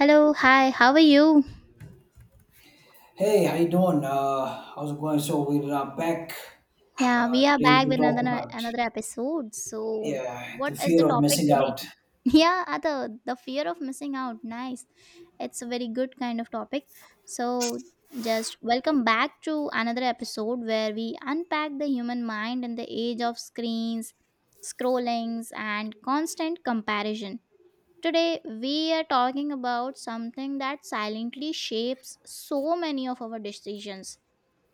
Hello, hi, how are you? Hey, how you doing? How's it going? So we're back Yeah, we are today back to with talk another about, another episode. So, yeah, what the is the fear of topic missing today? out. Yeah, Ada, the fear of missing out. Nice. It's a very good kind of topic. So, just welcome back to another episode where we unpack the human mind in the age of screens, scrollings, and constant comparison. Today, we are talking about something that silently shapes so many of our decisions,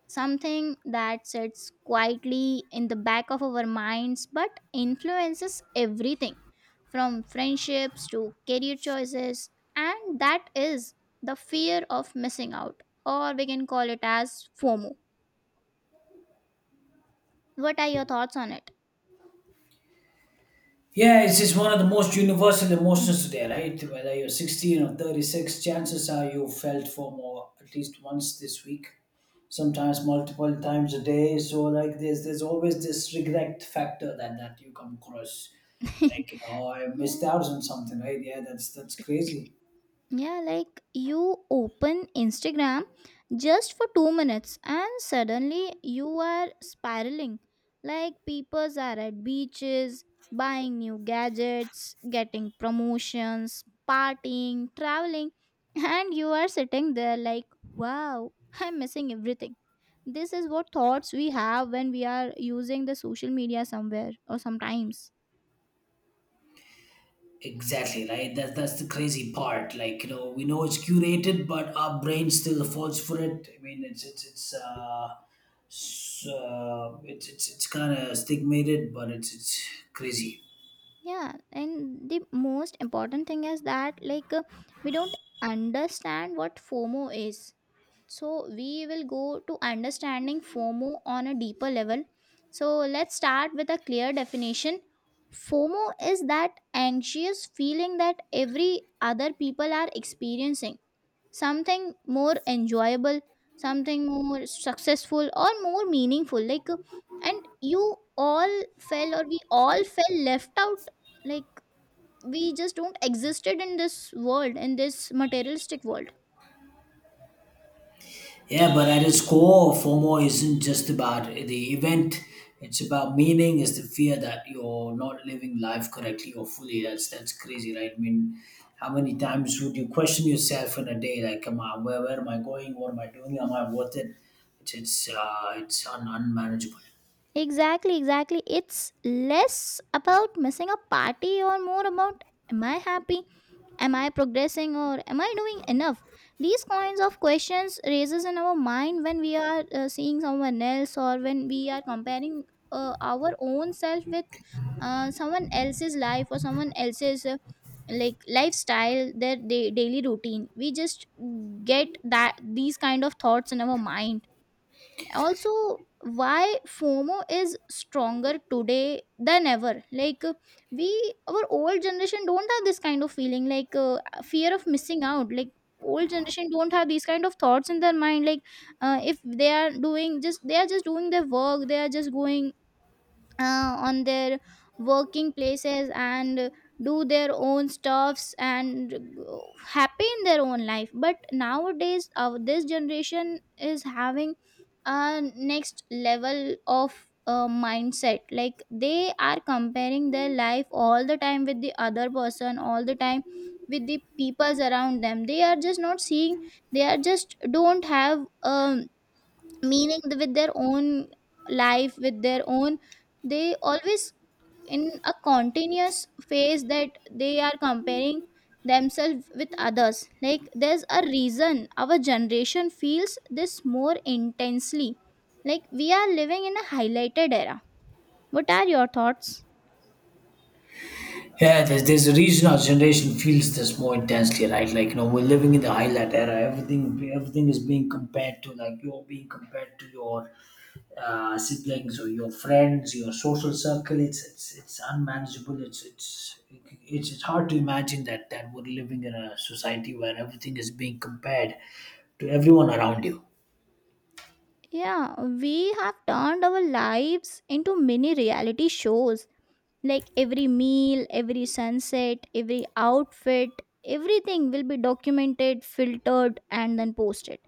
something that sits quietly in the back of our minds but influences everything from friendships to career choices, and that is the fear of missing out, or we can call it as FOMO. What are your thoughts on it? Yeah, it's just one of the most universal emotions today, right? Whether you're 16 or 36, chances are you felt for more at least once this week, sometimes multiple times a day. So, like, there's always this regret factor that you come across, like, I missed out on something, right? Yeah, that's crazy. Yeah, like you open Instagram just for 2 minutes and suddenly you are spiraling. Like people are at beaches, buying new gadgets, getting promotions, partying, traveling, and you are sitting there like, wow, I'm missing everything. This is what thoughts we have when we are using the social media somewhere or sometimes. Exactly, right? That's the crazy part. Like, we know it's curated, but our brain still falls for it. I mean, it's, s- it's kind of stigmated, but it's crazy. Yeah, and the most important thing is that, like, we don't understand what FOMO is. So we will go to understanding FOMO on a deeper level. So let's start with a clear definition. FOMO is that anxious feeling that every other people are experiencing something more enjoyable, something more successful or more meaningful, like. And you all fell or we all fell left out, like we just don't existed in this world, in this materialistic world. Yeah, but at its core, FOMO isn't just about the event. It's about meaning. It's the fear that you're not living life correctly or fully. That's crazy, right? I mean, how many times would you question yourself in a day? Like, come on, where am I going? What am I doing? Am I worth it? It's unmanageable. Exactly, exactly. It's less about missing a party or more about, am I happy? Am I progressing or am I doing enough? These kinds of questions raises in our mind when we are seeing someone else, or when we are comparing our own self with someone else's life or someone else's like lifestyle, their daily routine. We just get that these kind of thoughts in our mind. Also, why FOMO is stronger today than ever, like, we, our old generation don't have this kind of feeling, like, fear of missing out. Like old generation don't have these kind of thoughts in their mind, like, if they are doing, just they are just doing their work, they are just going on their working places and do their own stuffs and happy in their own life. But nowadays our this generation is having a next level of mindset, like they are comparing their life all the time with the other person all the time, with the peoples around them. They are just not seeing, they are just don't have meaning with their own life, with their own, they always in a continuous phase that they are comparing themselves with others. Like there's a reason our generation feels this more intensely, like we are living in a highlighted era. What are your thoughts? Yeah, there's a reason our generation feels this more intensely, right? Like, we're living in the highlight era. Everything is being compared to, like, you're being compared to your siblings or your friends, your social circle. It's unmanageable. It's hard to imagine that we're living in a society where everything is being compared to everyone around you. Yeah, we have turned our lives into mini reality shows. Like every meal, every sunset, every outfit, everything will be documented, filtered, and then posted.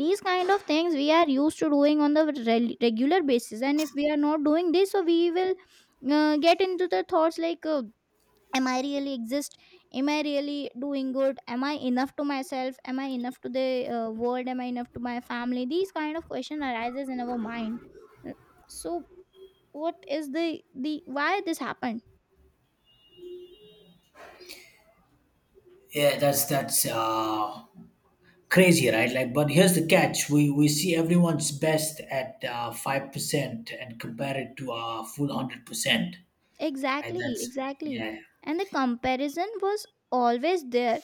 These kind of things we are used to doing on the regular basis, and if we are not doing this, so we will get into the thoughts like, "Am I really exist? Am I really doing good? Am I enough to myself? Am I enough to the world? Am I enough to my family?" These kind of question arises in our mind. So, what is the why this happened? Yeah, that's crazy, right? Like, but here's the catch: we see everyone's best at 5% and compare it to a full 100%, right? Exactly, That's, exactly. yeah. And the comparison was always there.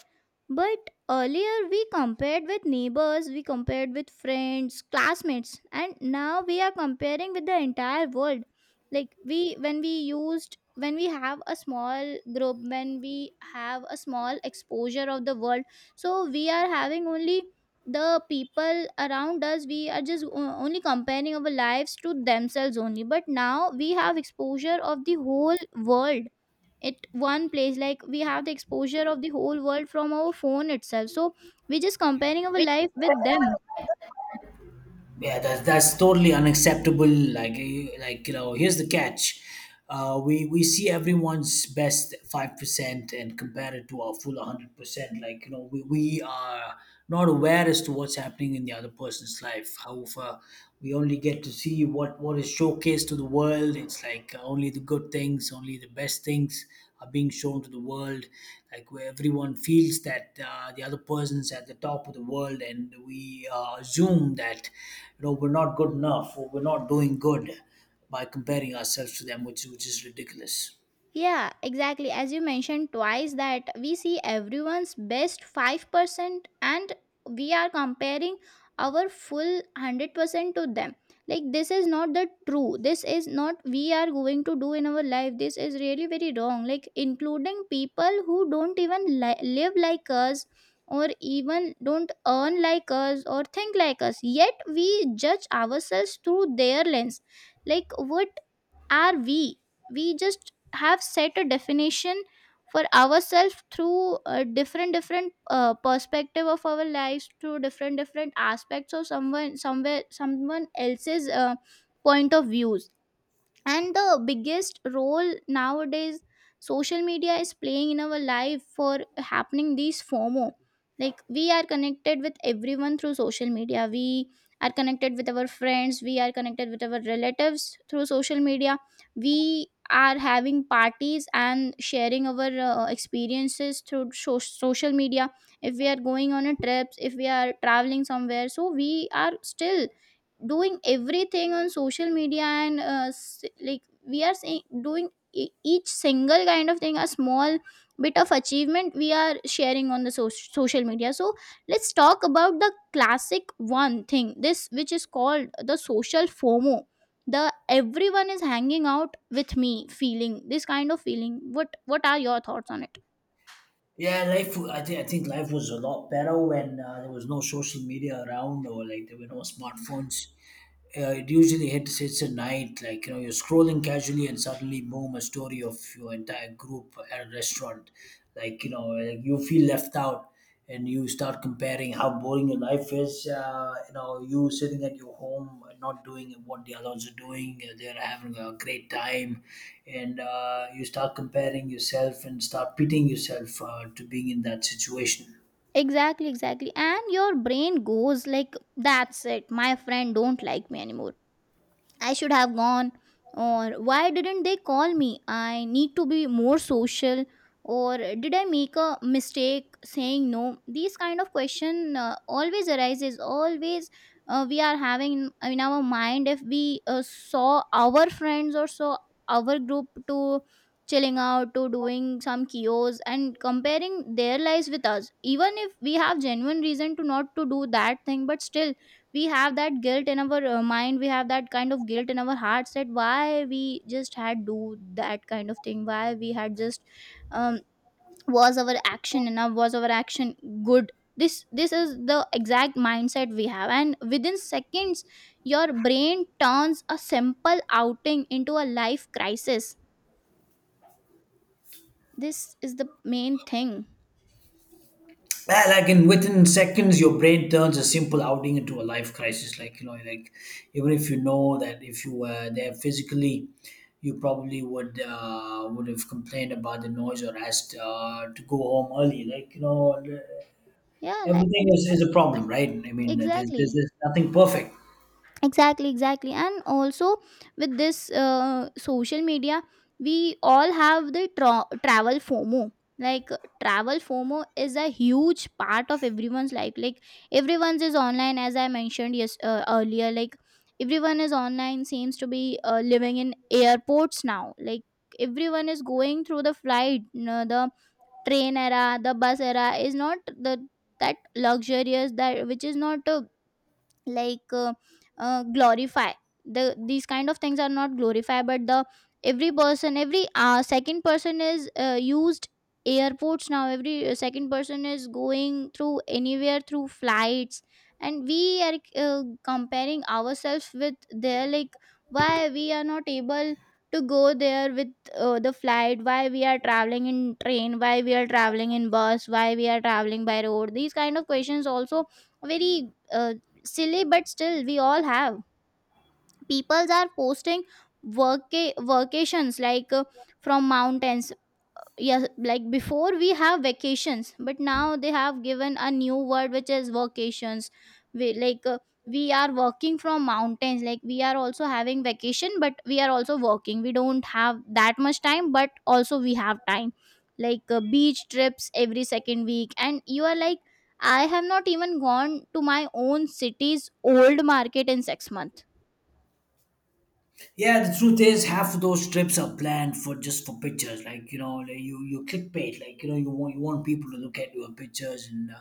But earlier we compared with neighbors, we compared with friends, classmates, and now we are comparing with the entire world. Like we, when we used, when we have a small group, when we have a small exposure of the world, so we are having only the people around us, we are just only comparing our lives to themselves only. But now we have exposure of the whole world at one place, like we have the exposure of the whole world from our phone itself. So we just comparing our life with them. Yeah, that's totally unacceptable. Like, like, here's the catch: we see everyone's best 5% and compare it to our full 100%. Like, we are not aware as to what's happening in the other person's life. However, we only get to see what is showcased to the world. It's like, only the good things, only the best things are being shown to the world, like, where everyone feels that the other person's at the top of the world, and we assume that, we're not good enough, or we're not doing good by comparing ourselves to them, which is ridiculous. Yeah, exactly. As you mentioned twice, that we see everyone's best 5% and we are comparing our full 100% to them. Like, this is not the true. This is not we are going to do in our life. This is really very wrong. Like, including people who don't even live like us, or even don't earn like us or think like us. Yet, we judge ourselves through their lens. Like, what are we? We just have set a definition for ourselves through a different perspective of our lives, through different aspects of someone somewhere someone else's point of views. And the biggest role nowadays social media is playing in our life for happening these FOMO. Like we are connected with everyone through social media, we are connected with our friends, we are connected with our relatives through social media. We are having parties and sharing our experiences through social media. If we are going on a trips, if we are traveling somewhere, so we are still doing everything on social media. And like we are saying, doing each single kind of thing, a small bit of achievement, we are sharing on the social media. So let's talk about the classic one thing, this which is called the social FOMO, the everyone is hanging out with me feeling, this kind of feeling. What are your thoughts on it? Yeah, life. I think life was a lot better when there was no social media around, or, like, there were no smartphones. It usually hits at night. Like, you're scrolling casually, and suddenly, boom, a story of your entire group at a restaurant. Like, like you feel left out, and you start comparing how boring your life is. You sitting at your home, not doing what the others are doing, they're having a great time. And you start comparing yourself and start pitting yourself to being in that situation. Exactly, exactly, and your brain goes like, that's it, my friend don't like me anymore. I should have gone, or why didn't they call me? I need to be more social, or did I make a mistake saying no? These kind of question always arises. Always we are having in our mind, if we saw our friends or saw our group to chilling out, to doing some kios and comparing their lives with us. Even if we have genuine reason to not to do that thing, but still we have that guilt in our mind, we have that kind of guilt in our hearts, that why we just had do that kind of thing, why we had just um, was our action enough, was our action good. This is the exact mindset we have, and within seconds your brain turns a simple outing into a life crisis. This is the main thing. Well, like, in within seconds, your brain turns a simple outing into a life crisis. Like, like, even if you know that if you were there physically, you probably would have complained about the noise, or asked to go home early. Like, Yeah, like, everything is a problem, right? I ex- mean, there's, there's, exactly there's nothing perfect. exactly. And also with this social media, we all have the travel FOMO. Like travel FOMO is a huge part of everyone's life. Like everyone's is online, as I mentioned, yes, earlier. Like everyone is online, seems to be living in airports now. Like everyone is going through the flight. No, the train era, the bus era is not the, that luxurious, that which is not like, glorify, the, these kind of things are not glorify. But the every person, every second person is used airports now. Every second person is going through anywhere through flights. And we are comparing ourselves with their. Like why we are not able to go there with the flight, why we are traveling in train, why we are traveling in bus, why we are traveling by road. These kind of questions also very silly, but still we all have. Peoples are posting work vacations, like, from mountains. Yes, like before we have vacations, but now they have given a new word, which is vacations. We, like, we are working from mountains, like we are also having vacation but we are also working, we don't have that much time but also we have time. Like beach trips every second week, and you are like, I have not even gone to my own city's old market in 6 months. Yeah, the truth is, half of those trips are planned for just for pictures. Like, like you clickbait. Like, you want people to look at your pictures, and uh,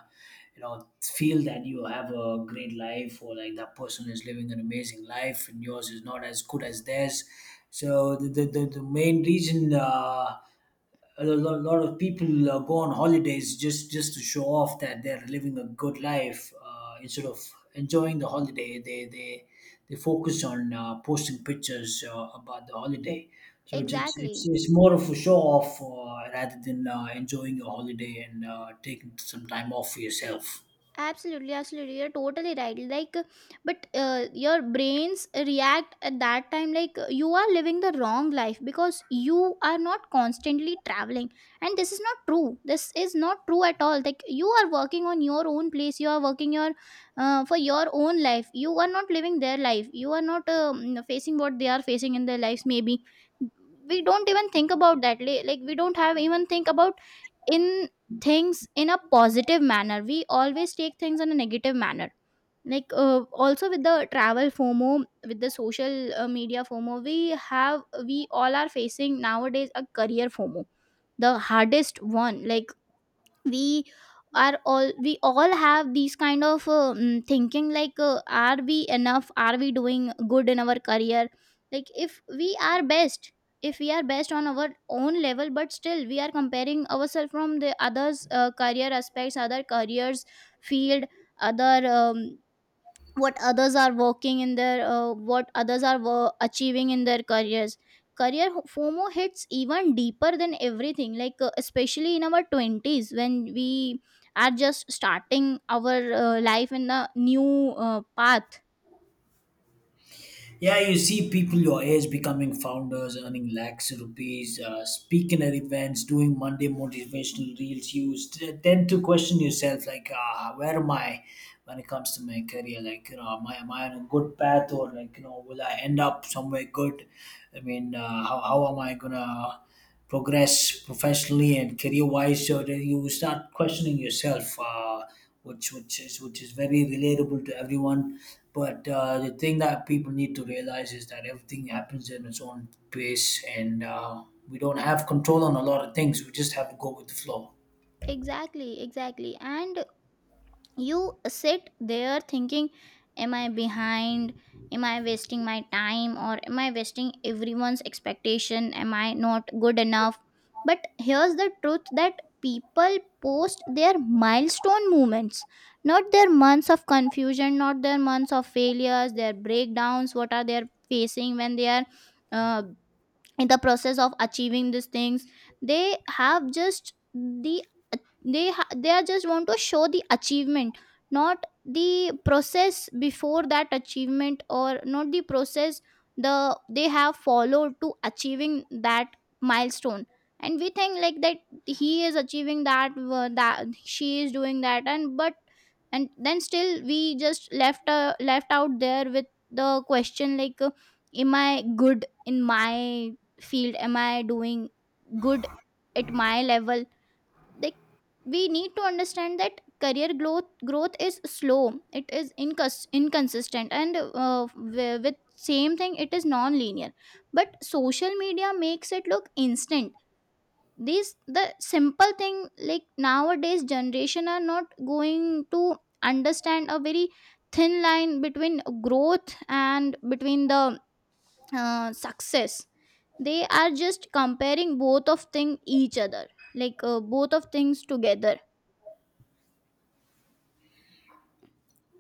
you know feel that you have a great life, or like that person is living an amazing life and yours is not as good as theirs. So the main reason. A lot of people go on holidays, just to show off that they're living a good life, instead of enjoying the holiday, they focus on posting pictures about the holiday. So it's, it's, it's, Exactly. it's more of a show off, rather than enjoying your holiday and taking some time off for yourself. Absolutely, absolutely. You're totally right. Like, but your brains react at that time like you are living the wrong life, because you are not constantly traveling. And this is not true. This is not true at all. Like, you are working on your own place. You are working your for your own life. You are not living their life. You are not facing what they are facing in their lives. Maybe we don't even think about that. Like, we don't have even think about in things in a positive manner. We always take things in a negative manner. Like, also with the travel fomo, with the social media fomo, we all are facing nowadays a career fomo, the hardest one. Like, we are all we all have these kind of thinking, like, are we enough, are we doing good in our career? Like, if we are best, on our own level. But still we are comparing ourselves from the others, career aspects, other careers field, other what others are working in their, what others are wo- achieving in their careers. Fomo hits even deeper than everything. Like, especially in our 20s when we are just starting our life in a new path. Yeah, you see people your age becoming founders, earning lakhs of rupees, speaking at events, doing Monday motivational reels. You tend to question yourself, like, where am I when it comes to my career? Like, am I on a good path? Or, like, will I end up somewhere good? I mean, how am I going to progress professionally and career wise? So that you start questioning yourself. Which is very relatable to everyone. But the thing that people need to realize is that everything happens in its own pace, and we don't have control on a lot of things. We just have to go with the flow. Exactly, exactly. And you sit there thinking, am I behind, am I wasting my time, or am I wasting everyone's expectation, am I not good enough? But here's the truth, that people post their milestone moments, not their months of confusion, not their months of failures, their breakdowns. What are they facing when they are uh, in the process of achieving these things? They have just the, they are just want to show the achievement, not the process before that achievement, or not the process the they have followed to achieving that milestone. And we think like that, he is achieving that, that she is doing that, and but and then still we just left left out there with the question, like, am I good in my field, am I doing good at my level? Like, we need to understand that career growth, is slow. It is inconsistent, and with same thing, it is non-linear. But social media makes it look instant. These the simple thing. Like, nowadays generation are not going to understand a very thin line between growth and between the success. They are just comparing both of thing each other, like, both of things together.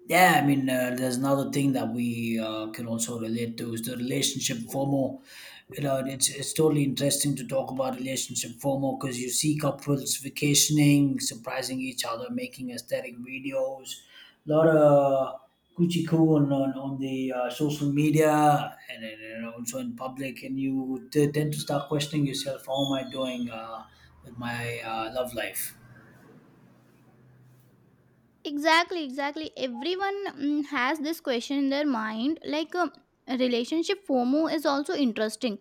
Yeah, I mean, there's another thing that we can also relate to, is the relationship FOMO. You know, it's totally interesting to talk about relationship FOMO, because you see couples vacationing, surprising each other, making aesthetic videos, a lot of Gucci coo on the social media, and then, also in public. And you tend to start questioning yourself, how am I doing with my love life? Exactly, exactly. Everyone has this question in their mind, like, relationship fomo is also interesting.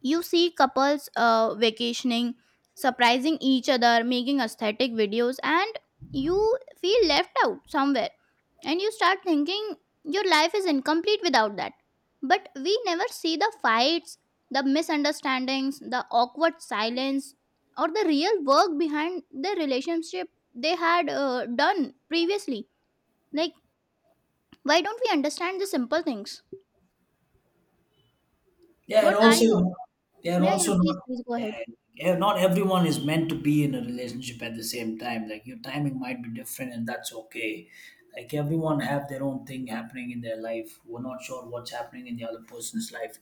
You see couples vacationing, surprising each other, making aesthetic videos, and you feel left out somewhere, and you start thinking your life is incomplete without that. But we never see the fights, the misunderstandings, the awkward silence, or the real work behind the relationship they had done previously. Like, why don't we understand the simple things? Yeah, and What I also own. they are Yeah, yeah, also not. please, please go Yeah, ahead. yeah, not everyone is meant to be in a relationship at the same time. Like, your timing might be different, and that's okay. Like, everyone have their own thing happening in their life. We're not sure what's happening in the other person's life,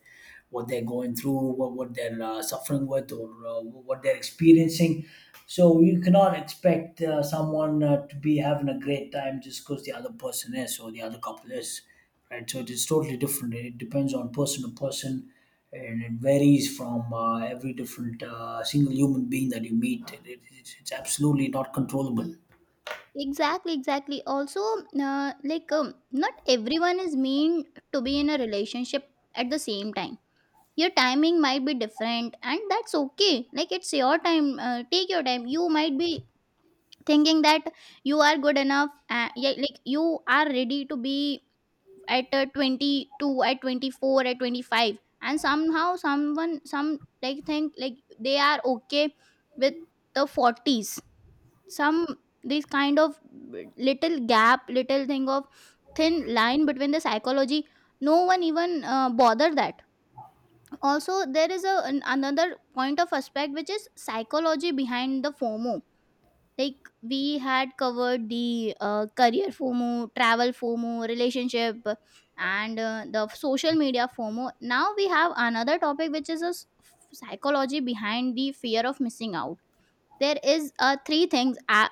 what they're going through, what they're suffering with, or what they're experiencing. So you cannot expect someone to be having a great time just because the other person is, or the other couple is, right? So it is totally different. It depends on person to person, and it varies from every different single human being that you meet. It's absolutely not controllable. Exactly, exactly. Also, not everyone is mean to be in a relationship at the same time. Your timing might be different, and that's okay. Like, it's your time, take your time. You might be thinking that you are good enough, yeah, like you are ready to be at 22, at 24, at 25. And somehow someone some, like, think like they are okay with the 40s. Some, this kind of little gap, little thing of thin line between the psychology, no one even bother that. Also there is a another point of aspect, which is psychology behind the fomo. Like, we had covered the career fomo, travel fomo, relationship, and the social media fomo. Now we have another topic which is a psychology behind the fear of missing out. There is three things,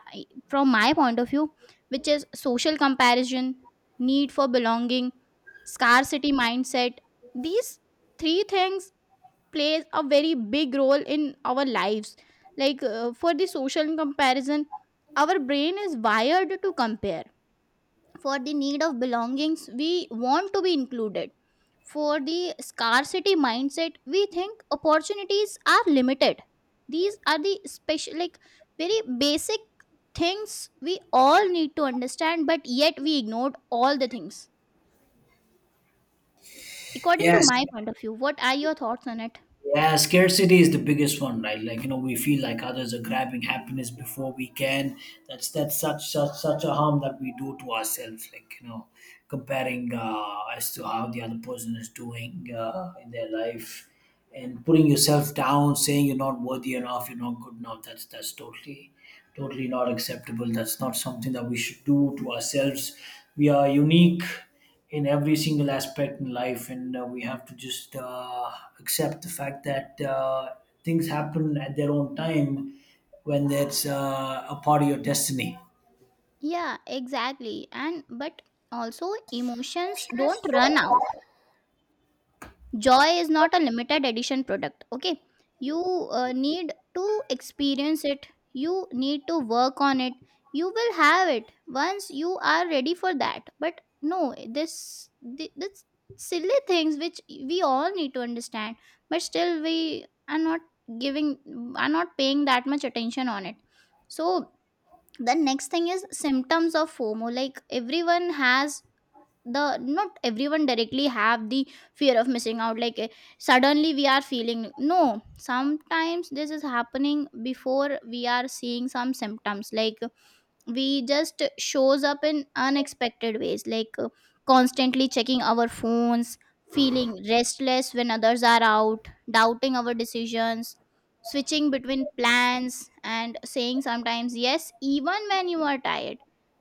from my point of view, which is social comparison, need for belonging, scarcity mindset. These three things plays a very big role in our lives. Like, for the social comparison, our brain is wired to compare. For the need of belongings, we want to be included. For the scarcity mindset, we think opportunities are limited. These are the special, like, very basic things we all need to understand, but yet we ignored all the things, according to Yes. my point of view. What are your thoughts on it? Yeah, scarcity is the biggest one, right? Like, we feel like others are grabbing happiness before we can. That's such a harm that we do to ourselves. Like, comparing as to how the other person is doing in their life, and putting yourself down, saying you're not worthy enough, you're not good enough. That's totally not acceptable. That's not something that we should do to ourselves. We are unique in every single aspect in life, and we have to just accept the fact that things happen at their own time, when that's a part of your destiny. Yeah, exactly. And But also emotions don't run out. Joy is not a limited edition product. Okay. You need to experience it. You need to work on it. You will have it once you are ready for that. But no, this this silly things which we all need to understand, but still we are not giving, are not paying that much attention on it. So the next thing is symptoms of fomo. Like, everyone has the not everyone directly have the fear of missing out. Like, suddenly we are feeling, no, sometimes this is happening. Before we are seeing some symptoms, like, we just shows up in unexpected ways, like, constantly checking our phones, feeling restless when others are out, doubting our decisions, switching between plans and saying sometimes yes even when you are tired,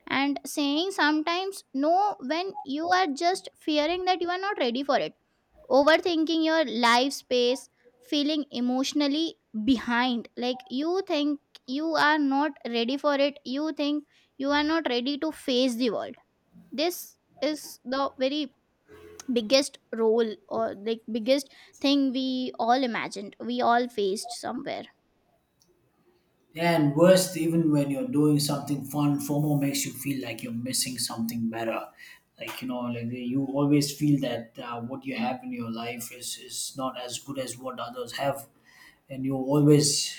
and saying sometimes no when you are just fearing that you are not ready for it, overthinking your life space, feeling emotionally behind. Like, you think you are not ready for it, you think you are not ready to face the world. This is the very biggest role, or like biggest thing, we all imagined, we all faced somewhere. Yeah, and worst, even when you're doing something fun, FOMO makes you feel like you're missing something better. Like, like, you always feel that what you have in your life is not as good as what others have. And you always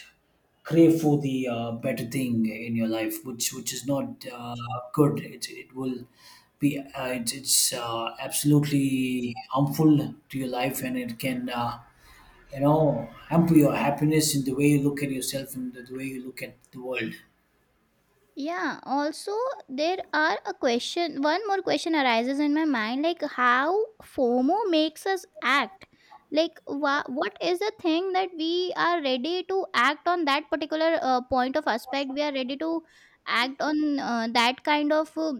crave for the better thing in your life, which is not good. It will be, it's absolutely harmful to your life, and it can hamper your happiness, in the way you look at yourself and the way you look at the world. Yeah, also there are a question, one more question arises in my mind, like, how fomo makes us act. Like, what is the thing that we are ready to act on, that particular point of aspect? We are ready to act on that kind of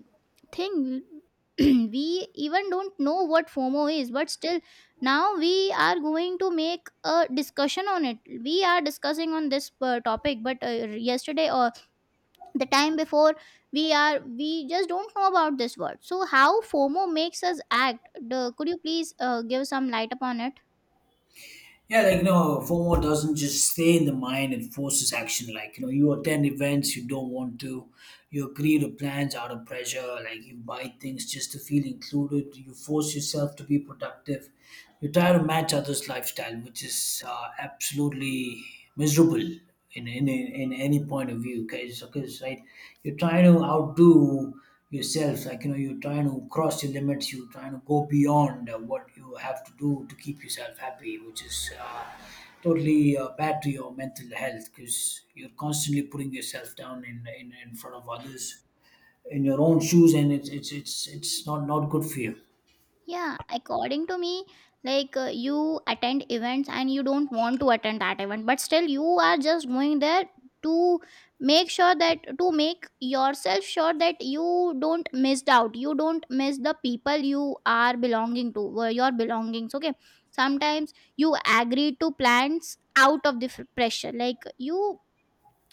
thing. We even don't know what fomo is, but still now we are going to make a discussion on it. We are discussing on this topic. But yesterday or the time before, we just don't know about this word. So how fomo makes us act, the, could you please give some light upon it? Yeah, like, FOMO doesn't just stay in the mind, it forces action. Like, you attend events you don't want to, you agree to plans out of pressure, like you buy things just to feel included, you force yourself to be productive, you try to match others lifestyle, which is absolutely miserable in, in any point of view, because right, you're trying to outdo yourself. Like, you're trying to cross your limits, you're trying to go beyond what you have to do to keep yourself happy, which is totally bad to your mental health, because you're constantly putting yourself down, in front of others, in your own shoes. And it's not good for you. Yeah, according to me, like, you attend events and you don't want to attend that event, but still you are just going there to make sure that, to make yourself sure that you don't miss out, you don't miss the people you are belonging to, your belongings. Okay, sometimes you agree to plans out of the pressure, like, you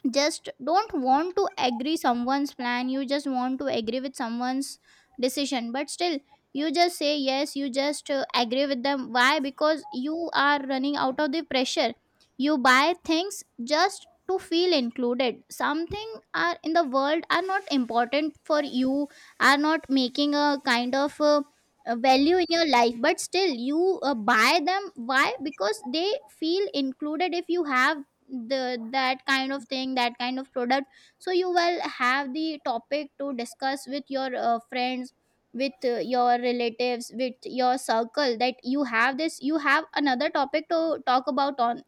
just don't want to agree someone's plan, you just want to agree with someone's decision, but still you just say yes, you just agree with them. Why? Because you are running out of the pressure. You buy things just to feel included. Something are in the world are not important for you, are not making a kind of a value in your life, but still you buy them. Why? Because they feel included. If you have the that kind of thing, that kind of product, so you will have the topic to discuss with your friends, with your relatives, with your circle, that you have this, you have another topic to talk about on.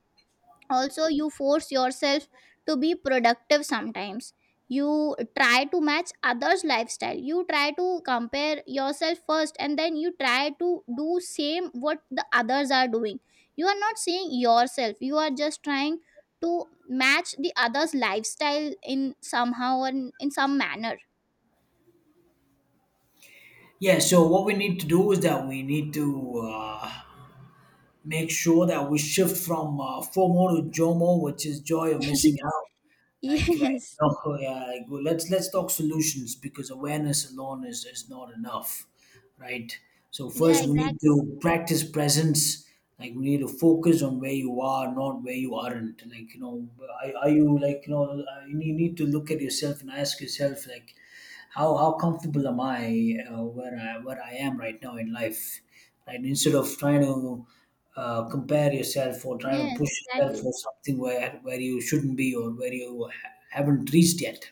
Also you force yourself to be productive sometimes. You try to match others lifestyle, you try to compare yourself first, and then you try to do same what the others are doing. You are not seeing yourself, you are just trying to match the others lifestyle in somehow and in some manner. Yeah, so what we need to do is that we need to make sure that we shift from FOMO to JOMO, which is joy of missing out. Like, right, Yes. no, yeah, like, well, let's talk solutions, because awareness alone is not enough, right? So Yeah, first, we need exactly. to practice presence. Like, we need to focus on where you are, not where you aren't. Like, are you, like, you know? You need to look at yourself and ask yourself, like, how comfortable am I, where I am right now in life, right? Instead of trying to compare yourself, or try to Yes, push yourself exactly, for something where you shouldn't be, or where you haven't reached yet.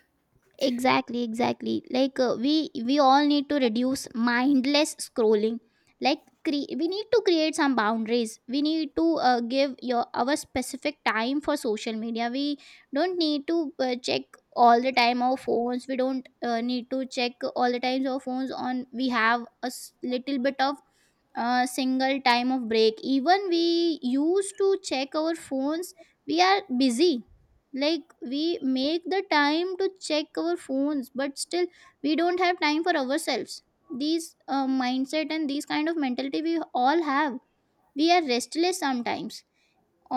exactly, exactly. Like, we all need to reduce mindless scrolling. Like, we need to create some boundaries, we need to give your our specific time for social media. We don't need to check all the time our phones, we don't need to check all the times our phones on. We have a little bit of a single time of break, even we used to check our phones, we are busy. Like, we make the time to check our phones, but still we don't have time for ourselves. These mindset and these kind of mentality we all have, we are restless sometimes.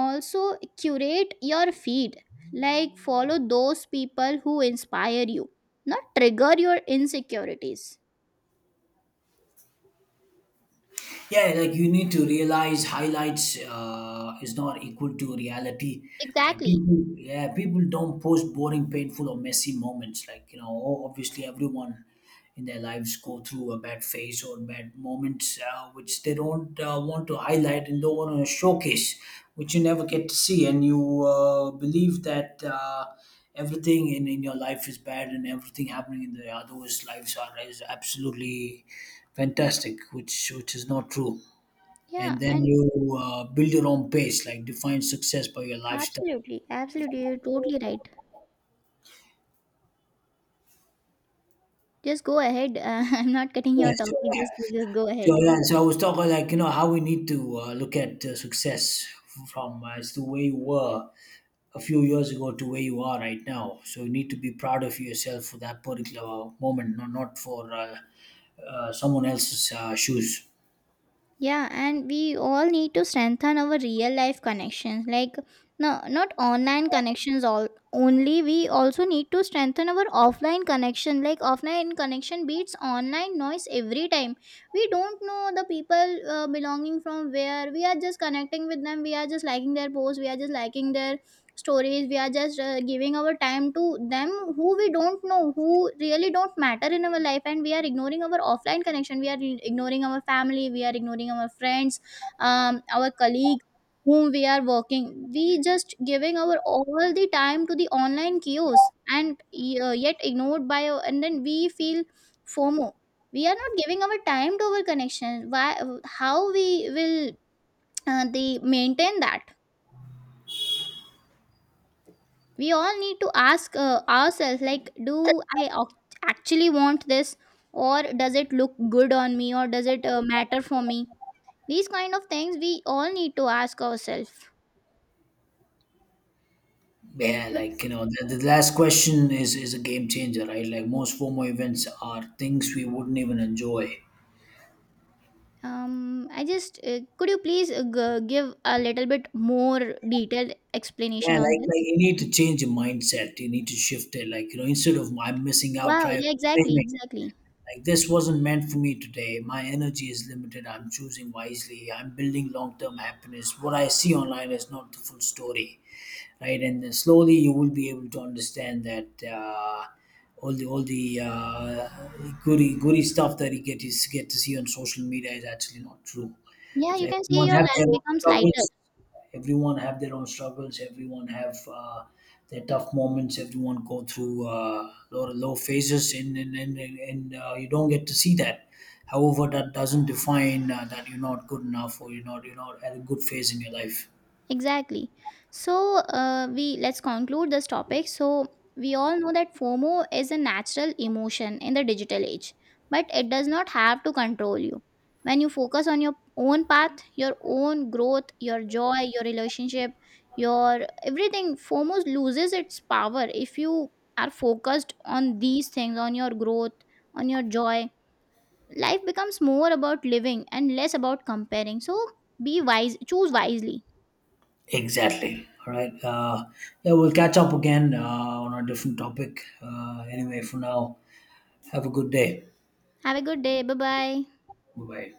Also curate your feed, like follow those people who inspire you, not trigger your insecurities. Yeah, like, you need to realize highlights is not equal to reality. Like, Exactly. people, yeah, people don't post boring, painful, or messy moments. Like, obviously everyone in their lives go through a bad phase or bad moments, which they don't want to highlight and don't want to showcase, which you never get to see. And you believe that. Everything in your life is bad, and everything happening in the others' lives are is absolutely fantastic, which is not true. Yeah. And then And you build your own pace, like, define success by your lifestyle. absolutely, absolutely, you're totally right. Just go ahead. I'm not cutting Yeah, your so, topic. yeah. Just go ahead. So I was talking, like, how we need to look at success from, as the way you were a few years ago, to where you are right now. So you need to be proud of yourself for that particular moment, not for someone else's shoes. Yeah, and we all need to strengthen our real life connections. Like, no, not online connections. All only we also need to strengthen our offline connection. Like, offline connection beats online noise every time. We don't know the people belonging from where. We are just connecting with them. We are just liking their posts. We are just liking their stories. We are just giving our time to them, who we don't know, who really don't matter in our life. And we are ignoring our offline connection, we are ignoring our family, we are ignoring our friends, our colleagues whom we are working. We just giving our all the time to the online chaos, and yet ignored by, and then we feel fomo. We are not giving our time to our connection. Why? How we will they maintain that? We all need to ask ourselves, like, do I actually want this, or does it look good on me, or does it matter for me? These kind of things we all need to ask ourselves. Yeah, But like, the last question is a game changer, right? Like, most FOMO events are things we wouldn't even enjoy. I just, could you please give a little bit more detailed Yeah, explanation on like this? you need to change your mindset. You need to shift it. Like, instead of "I'm missing out", Wow, try yeah, exactly, reframing. exactly. Like, this wasn't meant for me today. My energy is limited. I'm choosing wisely. I'm building long-term happiness. What I see online is not the full story, right? And then slowly you will be able to understand that all the goody goody stuff that you get, is get to see on social media, is actually not true. Yeah, So you can see everyone your have life their own becomes lighter. struggles, everyone have their tough moments, everyone go through lot of low phases. And you don't get to see that. However, that doesn't define that you're not good enough, or you're not at a good phase in your life. Exactly. So, we, let's conclude this topic. So we all know that FOMO is a natural emotion in the digital age, but it does not have to control you. When you focus on your own path, your own growth, your joy, your relationship, your everything, FOMO loses its power. If you are focused on these things, on your growth, on your joy, life becomes more about living and less about comparing. So be wise, choose wisely. Exactly. All right, yeah, we'll catch up again on a different topic. Anyway, for now, have a good day. Have a good day. Bye bye. Bye bye.